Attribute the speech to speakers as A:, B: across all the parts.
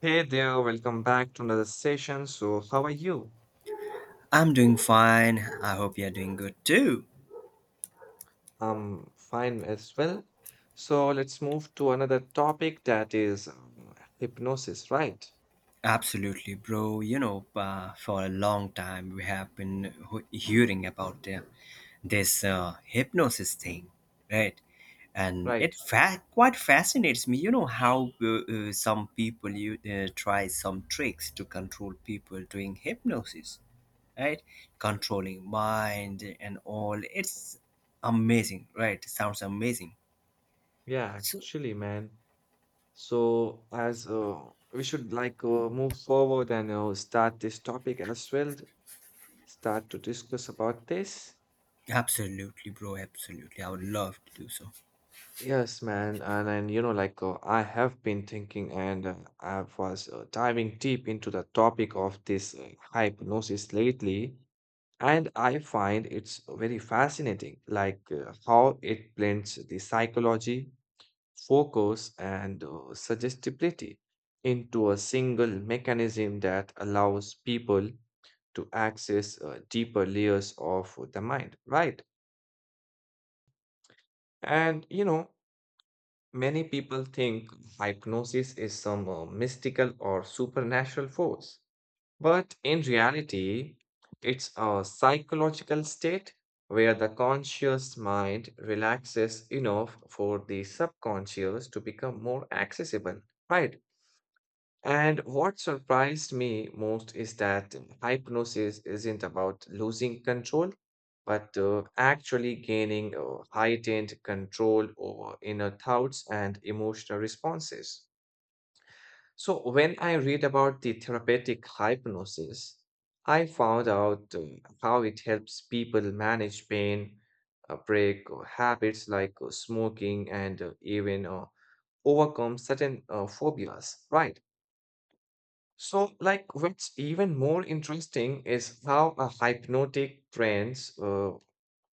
A: Hey there, welcome back to another session. So, how are you?
B: I'm doing fine. I hope you're doing good too.
A: I'm fine as well. So, let's move to another topic that is hypnosis, right?
B: Absolutely, bro. You know, for a long time we have been hearing about this hypnosis thing, right? And
A: Right.
B: quite fascinates me. You know how some people you try some tricks to control people doing hypnosis, right? Controlling mind and all. It's amazing, right? Sounds amazing.
A: Yeah,
B: So
A: actually, man. So, as we should move forward and start this topic as well, start to discuss about this.
B: absolutely, bro. Absolutely. I would love to do so.
A: Yes, man, and you know, I have been thinking, and I was diving deep into the topic of this hypnosis lately, and I find it's very fascinating, how it blends the psychology, focus, and suggestibility into a single mechanism that allows people to access deeper layers of the mind, right? And many people think hypnosis is some mystical or supernatural force, but in reality, it's a psychological state where the conscious mind relaxes enough for the subconscious to become more accessible, right? And what surprised me most is that hypnosis isn't about losing control, but actually gaining heightened control over inner thoughts and emotional responses. So, when I read about the therapeutic hypnosis, I found out how it helps people manage pain, break habits like smoking, and even overcome certain phobias, right? So, like, what's even more interesting is how a hypnotic trance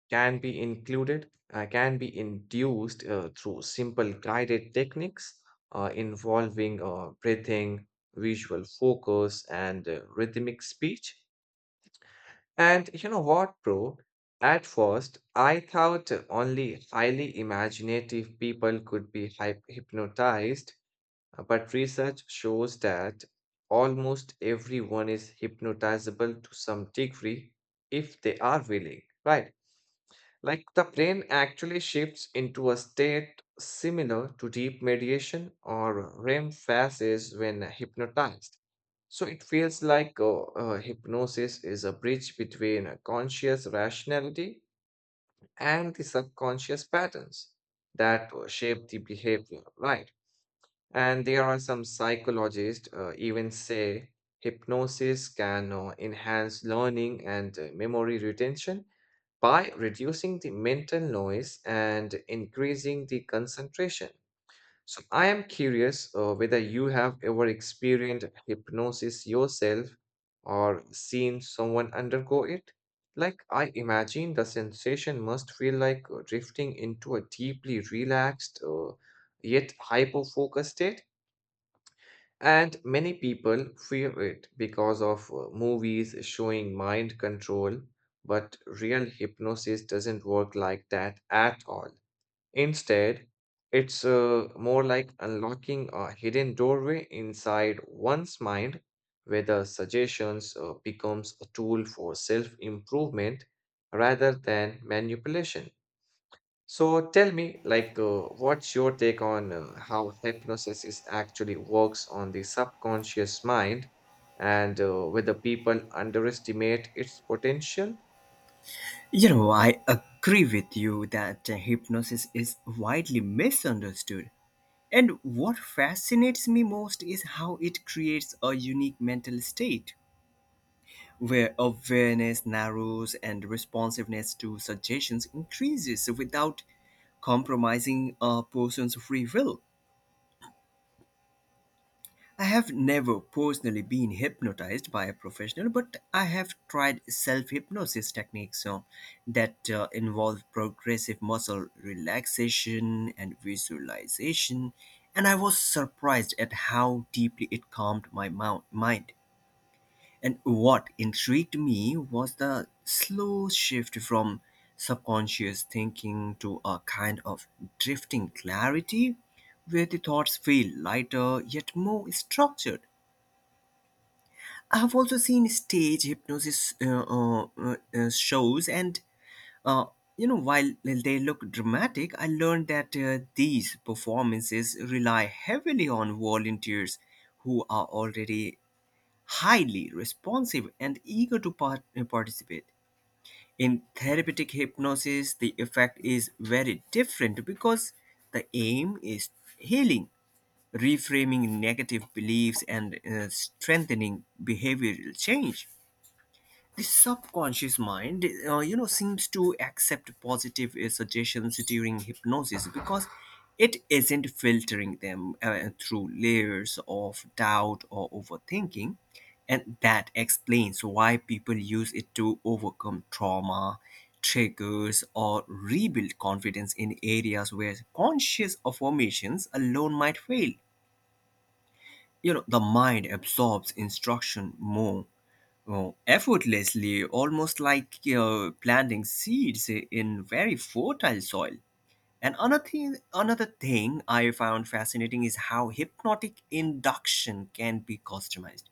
A: can be included, can be induced through simple guided techniques involving breathing, visual focus, and rhythmic speech. And you know what, bro? At first, I thought only highly imaginative people could be hypnotized. But research shows that almost everyone is hypnotizable to some degree if they are willing, right? Like the brain actually shifts into a state similar to deep meditation or REM phases when hypnotized. So it feels like hypnosis is a bridge between a conscious rationality and the subconscious patterns that shape the behavior, right? And there are some psychologists even say hypnosis can enhance learning and memory retention by reducing the mental noise and increasing the concentration. So I am curious whether you have ever experienced hypnosis yourself or seen someone undergo it. Like I imagine the sensation must feel like drifting into a deeply relaxed yet hyper-focused state. And many people fear it because of movies showing mind control, but real hypnosis doesn't work like that at all. Instead, it's more like unlocking a hidden doorway inside one's mind where the suggestions becomes a tool for self-improvement rather than manipulation. So tell me, like, what's your take on how hypnosis is actually works on the subconscious mind and whether people underestimate its potential?
B: You know, I agree with you that hypnosis is widely misunderstood. And what fascinates me most is how it creates a unique mental state where awareness narrows and responsiveness to suggestions increases without compromising a person's free will. I have never personally been hypnotized by a professional, but I have tried self hypnosis techniques that involve progressive muscle relaxation and visualization, and I was surprised at how deeply it calmed my mind. And what intrigued me was the slow shift from subconscious thinking to a kind of drifting clarity where the thoughts feel lighter yet more structured. I've also seen stage hypnosis shows, and uh, you know, while they look dramatic, I learned that these performances rely heavily on volunteers who are already highly responsive and eager to participate. In therapeutic hypnosis, the effect is very different because the aim is healing, reframing negative beliefs, and strengthening behavioral change. The subconscious mind, you know, seems to accept positive suggestions during hypnosis because it isn't filtering them through layers of doubt or overthinking, and that explains why people use it to overcome trauma triggers or rebuild confidence in areas where conscious affirmations alone might fail. You know, the mind absorbs instruction more effortlessly, almost like planting seeds in very fertile soil. And another thing I found fascinating is how hypnotic induction can be customized.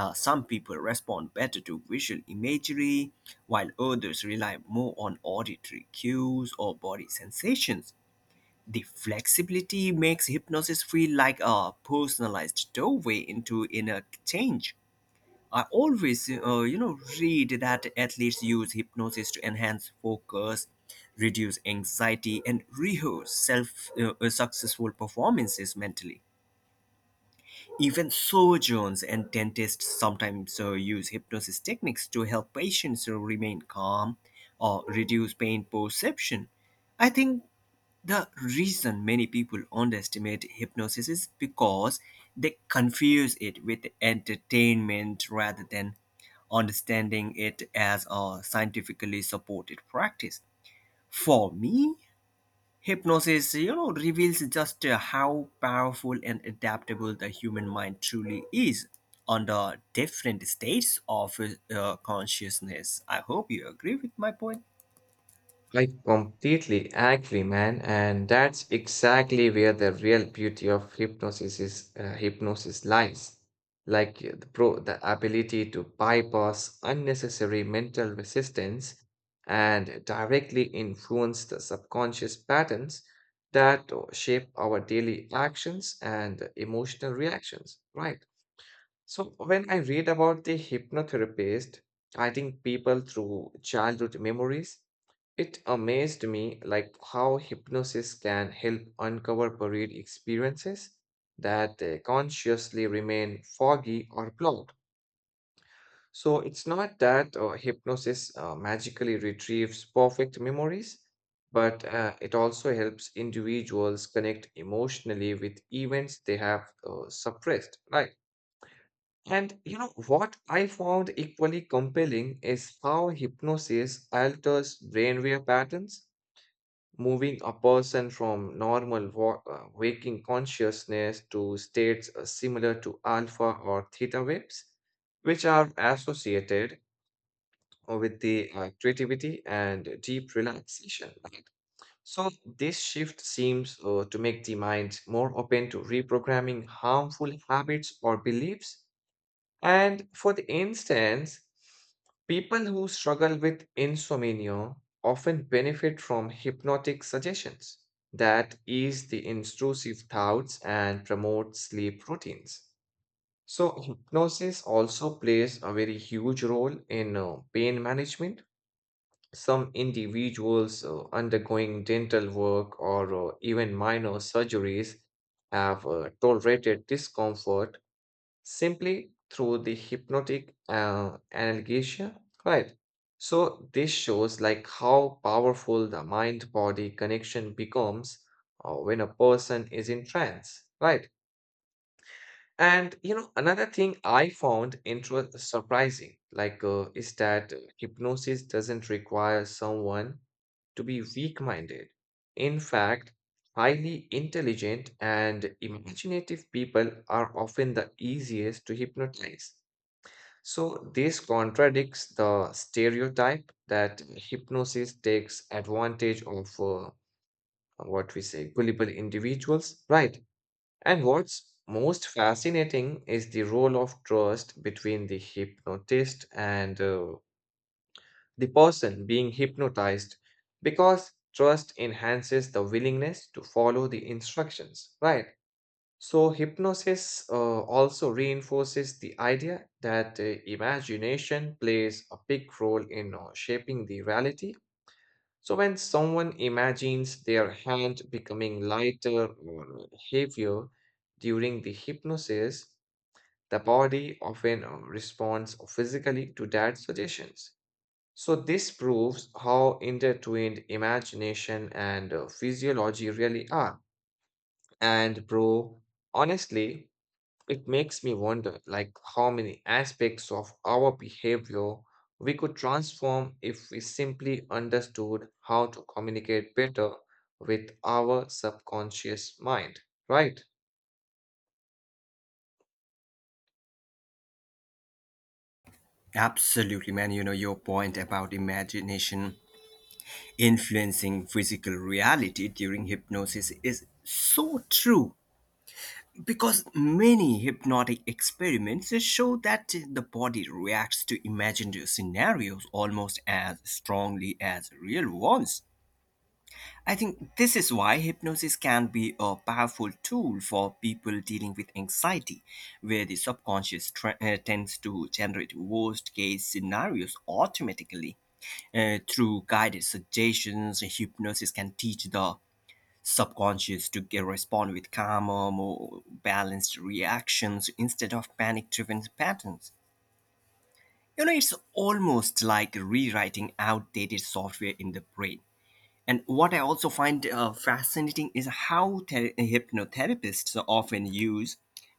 B: Some people respond better to visual imagery while others rely more on auditory cues or body sensations. The flexibility makes hypnosis feel like a personalized doorway into inner change. I always, you know, read that athletes use hypnosis to enhance focus, reduce anxiety, and rehearse self successful performances mentally. Even surgeons and dentists sometimes use hypnosis techniques to help patients remain calm or reduce pain perception. I think the reason many people underestimate hypnosis is because they confuse it with entertainment rather than understanding it as a scientifically supported practice. For me, hypnosis, you know, reveals just how powerful and adaptable the human mind truly is under different states of consciousness. I hope you agree with my point.
A: I completely agree, man, and that's exactly where the real beauty of hypnosis lies. The ability to bypass unnecessary mental resistance and directly influence the subconscious patterns that shape our daily actions and emotional reactions, right? So when I read about the hypnotherapist guiding people through childhood memories. It amazed me like how hypnosis can help uncover buried experiences that consciously remain foggy or blocked. So it's not that hypnosis magically retrieves perfect memories, but it also helps individuals connect emotionally with events they have suppressed, right? And you know what I found equally compelling is how hypnosis alters brainwave patterns moving a person from normal waking consciousness to states similar to alpha or theta waves, which are associated with the creativity and deep relaxation, right? So, this shift seems to make the mind more open to reprogramming harmful habits or beliefs, and for the instance, people who struggle with insomnia often benefit from hypnotic suggestions that ease the intrusive thoughts and promote sleep routines. So, hypnosis also plays a very huge role in pain management. Some individuals undergoing dental work or even minor surgeries have tolerated discomfort simply through the hypnotic analgesia, right? So this shows like how powerful the mind-body connection becomes when a person is in trance, right? And you know, another thing I found intro surprising, like, is that hypnosis doesn't require someone to be weak-minded. In fact, highly intelligent and imaginative people are often the easiest to hypnotize. So this contradicts the stereotype that hypnosis takes advantage of what we say gullible individuals, right? And what's most fascinating is the role of trust between the hypnotist and the person being hypnotized because trust enhances the willingness to follow the instructions, right? So, hypnosis also reinforces the idea that imagination plays a big role in shaping the reality. So when someone imagines their hand becoming lighter or heavier during the hypnosis, the body often responds physically to that suggestions. So this proves how intertwined imagination and physiology really are. And bro, honestly, it makes me wonder like how many aspects of our behavior we could transform if we simply understood how to communicate better with our subconscious mind, right?
B: Absolutely, man. You know, your point about imagination influencing physical reality during hypnosis is so true, because many hypnotic experiments show that the body reacts to imagined scenarios almost as strongly as real ones. I think this is why hypnosis can be a powerful tool for people dealing with anxiety, where the subconscious tends to generate worst case scenarios automatically. Through guided suggestions, hypnosis can teach the subconscious to get respond with calmer, more balanced reactions instead of panic driven patterns. You know, it's almost like rewriting outdated software in the brain. And what I also find fascinating is how hypnotherapists often use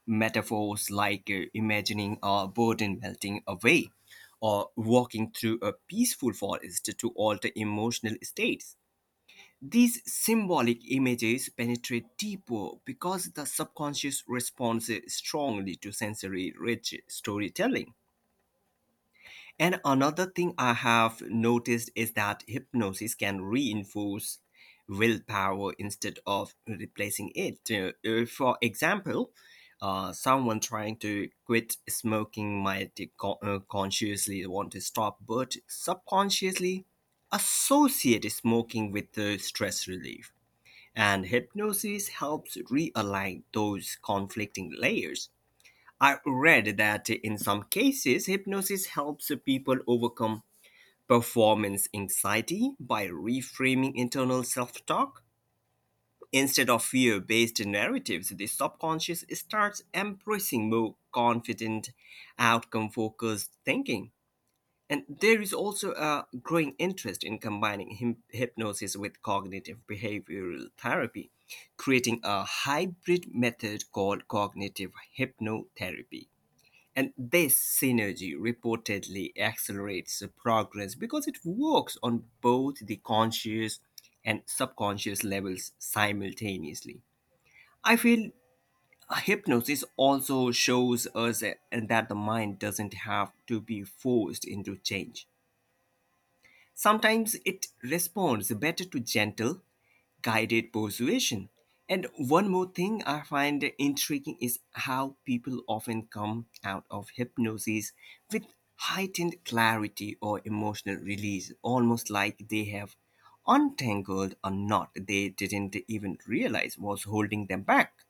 B: metaphors like imagining a burden melting away or walking through a peaceful forest to alter emotional states. These symbolic images penetrate deeper because the subconscious responds strongly to sensory rich storytelling. And another thing I have noticed is that hypnosis can reinforce willpower instead of replacing it. For example, someone trying to quit smoking might consciously want to stop, but subconsciously associate smoking with the stress relief, and hypnosis helps realign those conflicting layers. I read that in some cases, hypnosis helps people overcome performance anxiety by reframing internal self talk. Instead of fear based narratives, the subconscious starts embracing more confident, outcome focused thinking. And there is also a growing interest in combining hypnosis with cognitive behavioral therapy, creating a hybrid method called cognitive hypnotherapy. And this synergy reportedly accelerates the progress because it works on both the conscious and subconscious levels simultaneously. I feel hypnosis also shows us that the mind doesn't have to be forced into change. Sometimes it responds better to gentle, guided persuasion. And one more thing I find intriguing is how people often come out of hypnosis with heightened clarity or emotional release, almost like they have untangled a knot they didn't even realize was holding them back.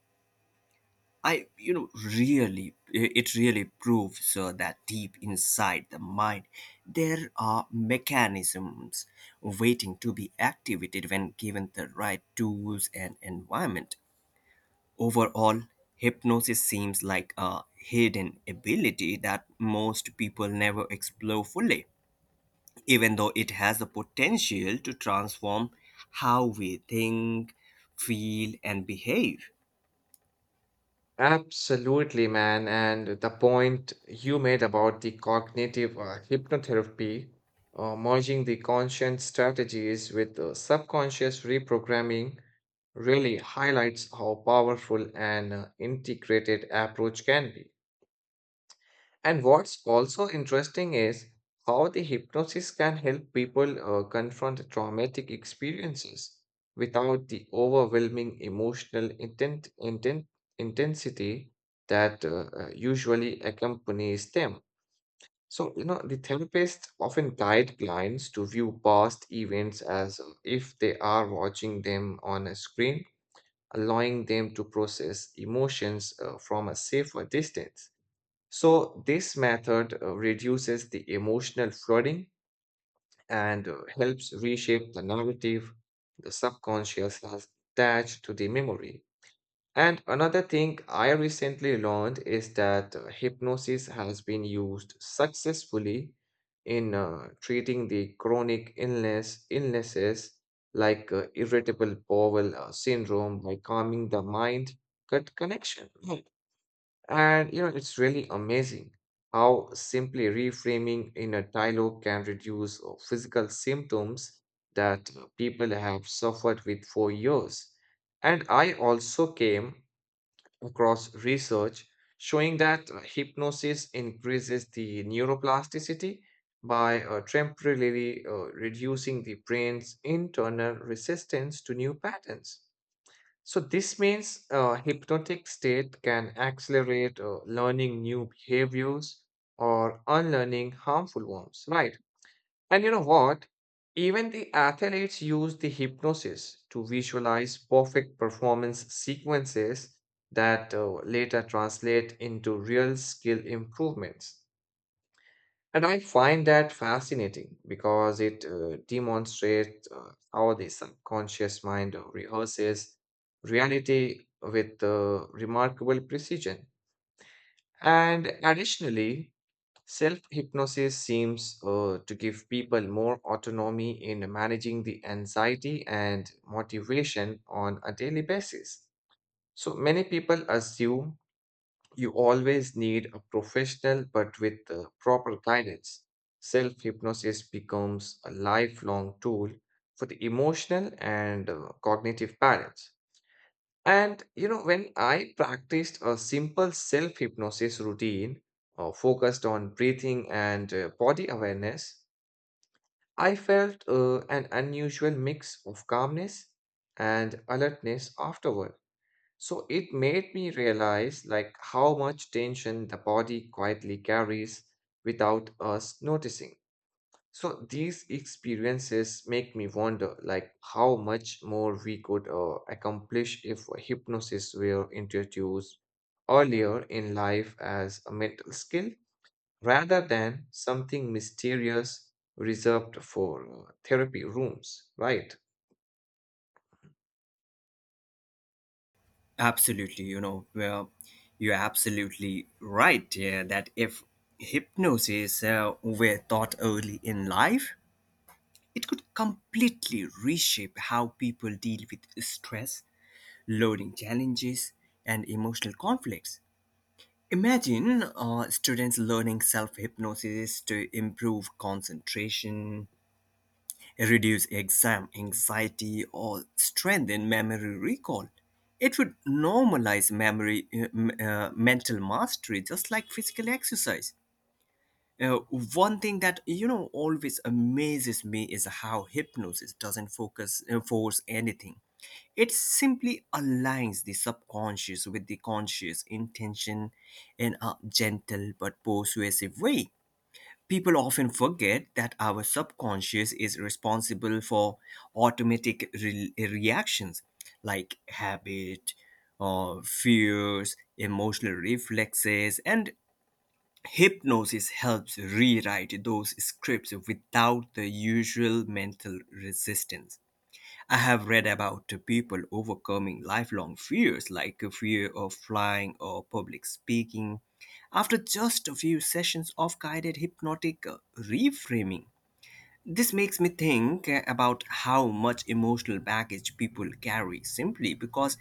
B: I, you know, really, it really proves that deep inside the mind, there are mechanisms waiting to be activated when given the right tools and environment. Overall, hypnosis seems like a hidden ability that most people never explore fully, even though it has the potential to transform how we think, feel, and behave.
A: Absolutely, man. And the point you made about the cognitive hypnotherapy, merging the conscious strategies with subconscious reprogramming, really highlights how powerful an integrated approach can be. And what's also interesting is how the hypnosis can help people confront traumatic experiences without the overwhelming emotional intensity that usually accompanies them. So, you know, the therapists often guide clients to view past events as if they are watching them on a screen, allowing them to process emotions from a safer distance. So, this method reduces the emotional flooding and helps reshape the narrative the subconscious has attached to the memory. And another thing I recently learned is that hypnosis has been used successfully in treating the chronic illnesses like irritable bowel syndrome by calming the mind gut connection. Hmm. And you know, it's really amazing how simply reframing in a dialogue can reduce physical symptoms that people have suffered with for years. And I also came across research showing that hypnosis increases the neuroplasticity by temporarily reducing the brain's internal resistance to new patterns. So this means a hypnotic state can accelerate learning new behaviors or unlearning harmful ones, right? And you know what? Even the athletes use the hypnosis to visualize perfect performance sequences that later translate into real skill improvements. And I find that fascinating because it demonstrates how the subconscious mind rehearses reality with remarkable precision. And additionally, self hypnosis seems to give people more autonomy in managing the anxiety and motivation on a daily basis. So many people assume you always need a professional, but with the proper guidance. Self hypnosis becomes a lifelong tool for the emotional and cognitive balance. And you know, when I practiced a simple self hypnosis routine focused on breathing and body awareness, I felt an unusual mix of calmness and alertness afterward. So it made me realize like how much tension the body quietly carries without us noticing. So these experiences make me wonder like how much more we could accomplish if hypnosis were introduced earlier in life as a mental skill rather than something mysterious reserved for therapy rooms, right?
B: Absolutely, you know, well, you're absolutely right, yeah, that if hypnosis were taught early in life, it could completely reshape how people deal with stress, learning challenges, and emotional conflicts. Imagine students learning self hypnosis to improve concentration, reduce exam anxiety, or strengthen memory recall. It would normalize memory, mental mastery, just like physical exercise. Uh, One thing that, you know, always amazes me is how hypnosis doesn't focus force anything. It simply aligns the subconscious with the conscious intention in a gentle but persuasive way. People often forget that our subconscious is responsible for automatic reactions like habit, fears, emotional reflexes, and hypnosis helps rewrite those scripts without the usual mental resistance. I have read about people overcoming lifelong fears like a fear of flying or public speaking after just a few sessions of guided hypnotic reframing. This makes me think about how much emotional baggage people carry simply because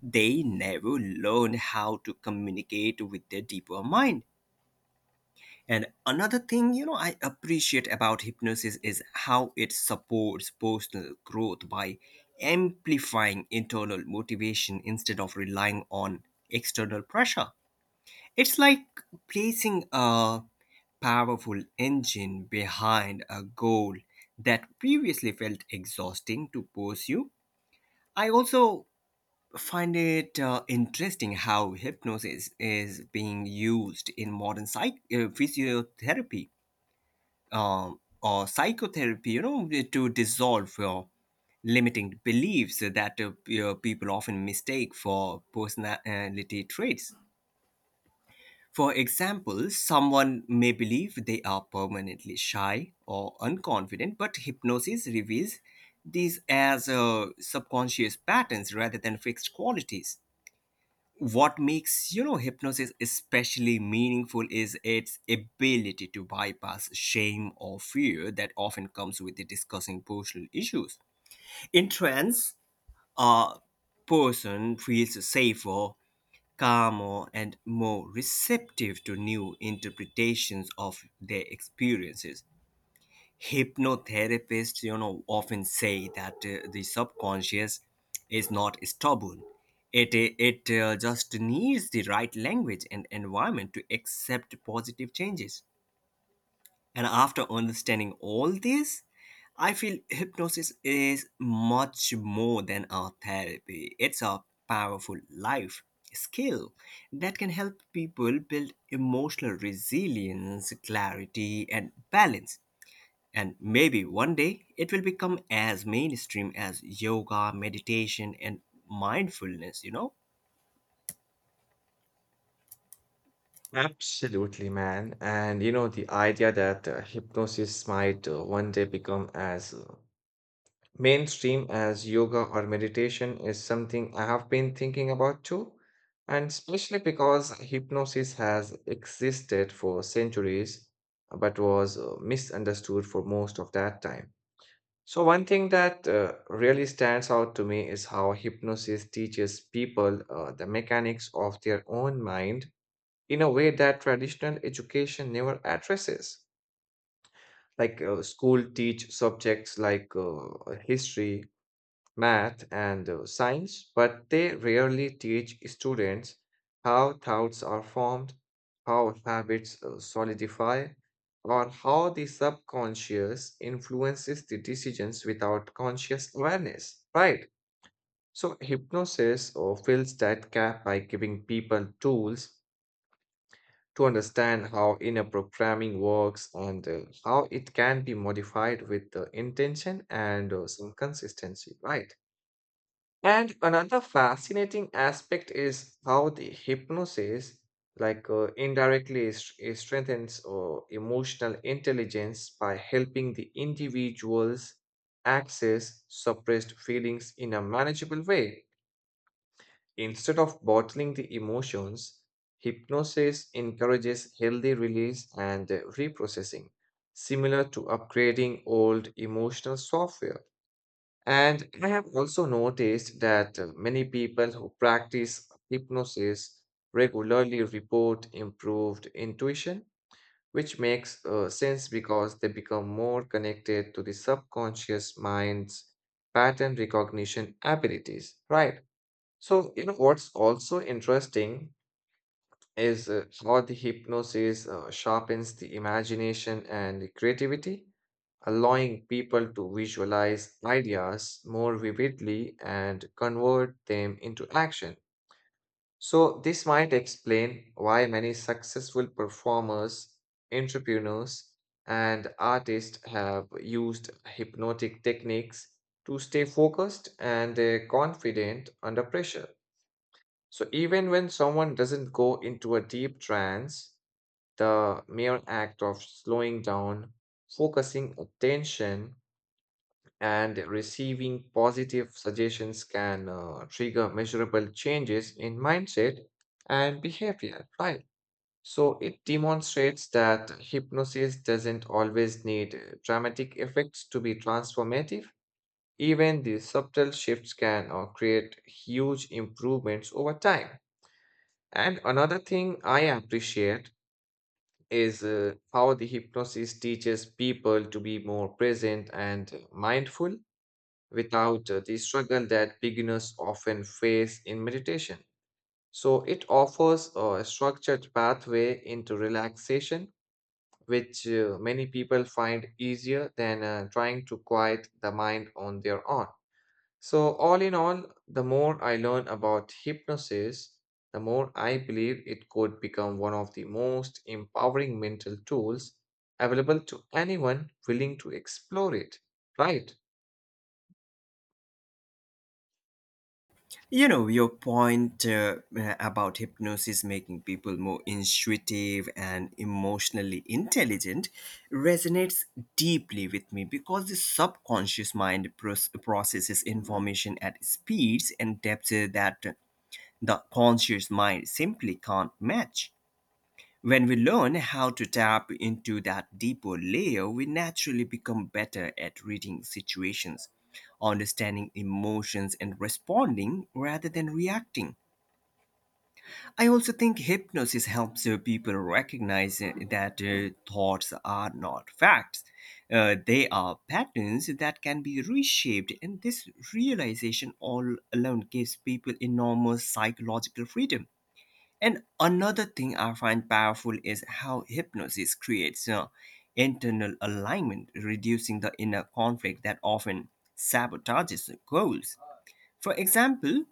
B: they never learned how to communicate with their deeper mind. And another thing, you know, I appreciate about hypnosis is how it supports personal growth by amplifying internal motivation instead of relying on external pressure. It's like placing a powerful engine behind a goal that previously felt exhausting to pursue. I also find it interesting how hypnosis is being used in modern physiotherapy uh, or psychotherapy, you know, to dissolve limiting beliefs that, you know, people often mistake for personality traits. For example, someone may believe they are permanently shy or unconfident, but hypnosis reveals these as subconscious patterns rather than fixed qualities. What makes, you know, hypnosis especially meaningful is its ability to bypass shame or fear that often comes with discussing personal issues. In trance, a person feels safer, calmer, and more receptive to new interpretations of their experiences. Hypnotherapists, you know, often say that the subconscious is not stubborn. It just needs the right language and environment to accept positive changes. And after understanding all this, I feel hypnosis is much more than a therapy. It's a powerful life skill that can help people build emotional resilience, clarity, and balance. And maybe one day it will become as mainstream as yoga, meditation, and mindfulness, you know?
A: Absolutely, man. And you know, the idea that hypnosis might one day become as mainstream as yoga or meditation is something I have been thinking about too. And especially because hypnosis has existed for centuries, but was misunderstood for most of that time. So, one thing that really stands out to me is how hypnosis teaches people the mechanics of their own mind in a way that traditional education never addresses. School teach subjects like history, math, and science, but they rarely teach students how thoughts are formed, how habits solidify, or how the subconscious influences the decisions without conscious awareness, right? So, hypnosis fills that gap by giving people tools to understand how inner programming works and how it can be modified with the intention and some consistency, right? And another fascinating aspect is how the hypnosis, indirectly, it strengthens emotional intelligence by helping the individuals access suppressed feelings in a manageable way. Instead of bottling the emotions, hypnosis encourages healthy release and reprocessing, similar to upgrading old emotional software. And I have also noticed that many people who practice hypnosis regularly report improved intuition, which makes sense because they become more connected to the subconscious mind's pattern recognition abilities, right? So, you know, what's also interesting is how the hypnosis sharpens the imagination and the creativity, allowing people to visualize ideas more vividly and convert them into action. So, this might explain why many successful performers, entrepreneurs, and artists have used hypnotic techniques to stay focused and confident under pressure. So even when someone doesn't go into a deep trance, the mere act of slowing down, focusing attention, and receiving positive suggestions can trigger measurable changes in mindset and behavior, right? So it demonstrates that hypnosis doesn't always need dramatic effects to be transformative. Even the subtle shifts can create huge improvements over time. And another thing I appreciate is how the hypnosis teaches people to be more present and mindful without the struggle that beginners often face in meditation. So it offers a structured pathway into relaxation, which many people find easier than trying to quiet the mind on their own. So, all in all, the more I learn about hypnosis, the more I believe it could become one of the most empowering mental tools available to anyone willing to explore it, right?
B: You know, your point, about hypnosis making people more intuitive and emotionally intelligent resonates deeply with me, because the subconscious mind processes information at speeds and depths that the conscious mind simply can't match. When we learn how to tap into that deeper layer, we naturally become better at reading situations, understanding emotions, and responding rather than reacting. I also think hypnosis helps people recognize that thoughts are not facts. They are patterns that can be reshaped, and this realization all alone gives people enormous psychological freedom. And another thing I find powerful is how hypnosis creates, you know, internal alignment, reducing the inner conflict that often sabotages goals. For example,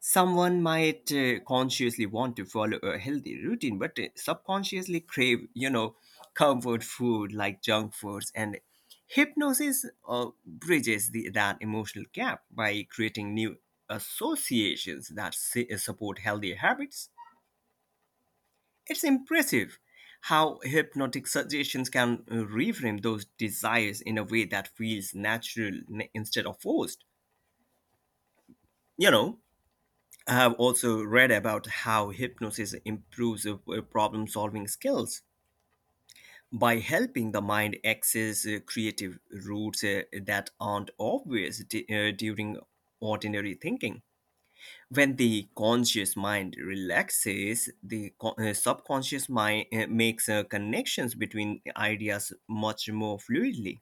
B: someone might consciously want to follow a healthy routine, but subconsciously crave, you know, comfort food like junk foods, and hypnosis bridges that emotional gap by creating new associations that support healthy habits. It's impressive how hypnotic suggestions can reframe those desires in a way that feels natural instead of forced. You know, I have also read about how hypnosis improves problem solving skills by helping the mind access creative routes that aren't obvious during ordinary thinking. When the conscious mind relaxes, the subconscious mind makes connections between ideas much more fluidly.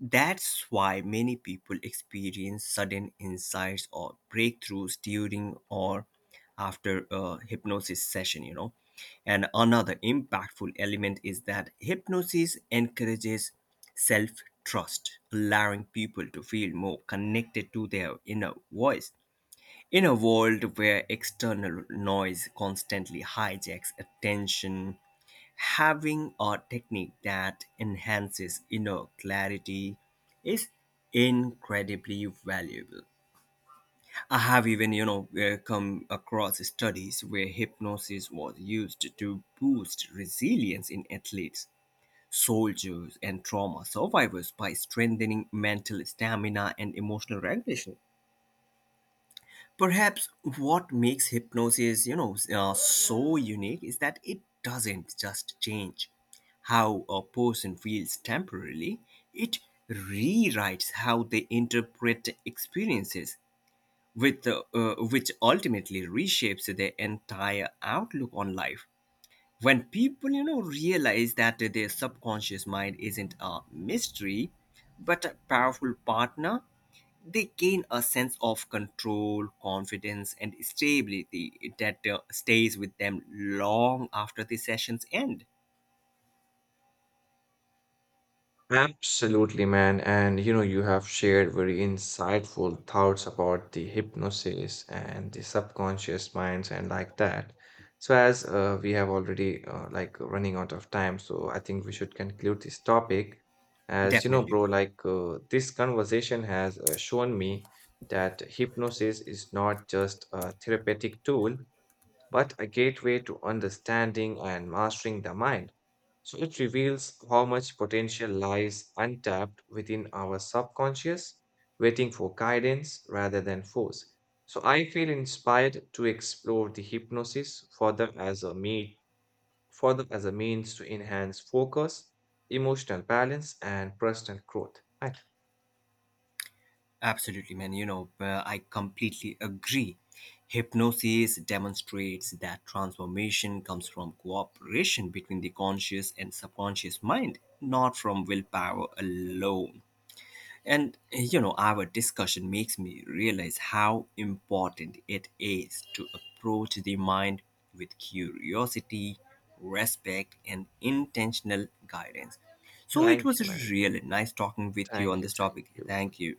B: That's why many people experience sudden insights or breakthroughs during or after a hypnosis session, you know. And another impactful element is that hypnosis encourages self trust, allowing people to feel more connected to their inner voice. In a world where external noise constantly hijacks attention, having a technique that enhances inner clarity is incredibly valuable. I have even, you know, come across studies where hypnosis was used to boost resilience in athletes, soldiers, and trauma survivors by strengthening mental stamina and emotional regulation. Perhaps what makes hypnosis, you know, so unique is that it doesn't just change how a person feels temporarily, it rewrites how they interpret experiences, which ultimately reshapes their entire outlook on life. When people, you know, realize that their subconscious mind isn't a mystery, but a powerful partner, they gain a sense of control, confidence, and stability that stays with them long after the sessions end.
A: Absolutely, man. And you know, you have shared very insightful thoughts about the hypnosis and the subconscious minds and like that. So as we have already like running out of time, so I think we should conclude this topic. As you know,
B: Definitely,
A: bro,
B: bro.
A: this conversation has shown me that hypnosis is not just a therapeutic tool, but a gateway to understanding and mastering the mind. So it reveals how much potential lies untapped within our subconscious, waiting for guidance rather than force. So I feel inspired to explore the hypnosis further as a me further as a means to enhance focus, emotional balance, and personal growth. Right.
B: Absolutely, man. You know, I completely agree. Hypnosis demonstrates that transformation comes from cooperation between the conscious and subconscious mind, not from willpower alone. And you know, our discussion makes me realize how important it is to approach the mind with curiosity, respect, and intentional guidance. So it
A: Thank you, man.
B: was really nice talking with you
A: Thank
B: on
A: you.
B: this
A: Thank
B: topic.
A: you.
B: Thank you.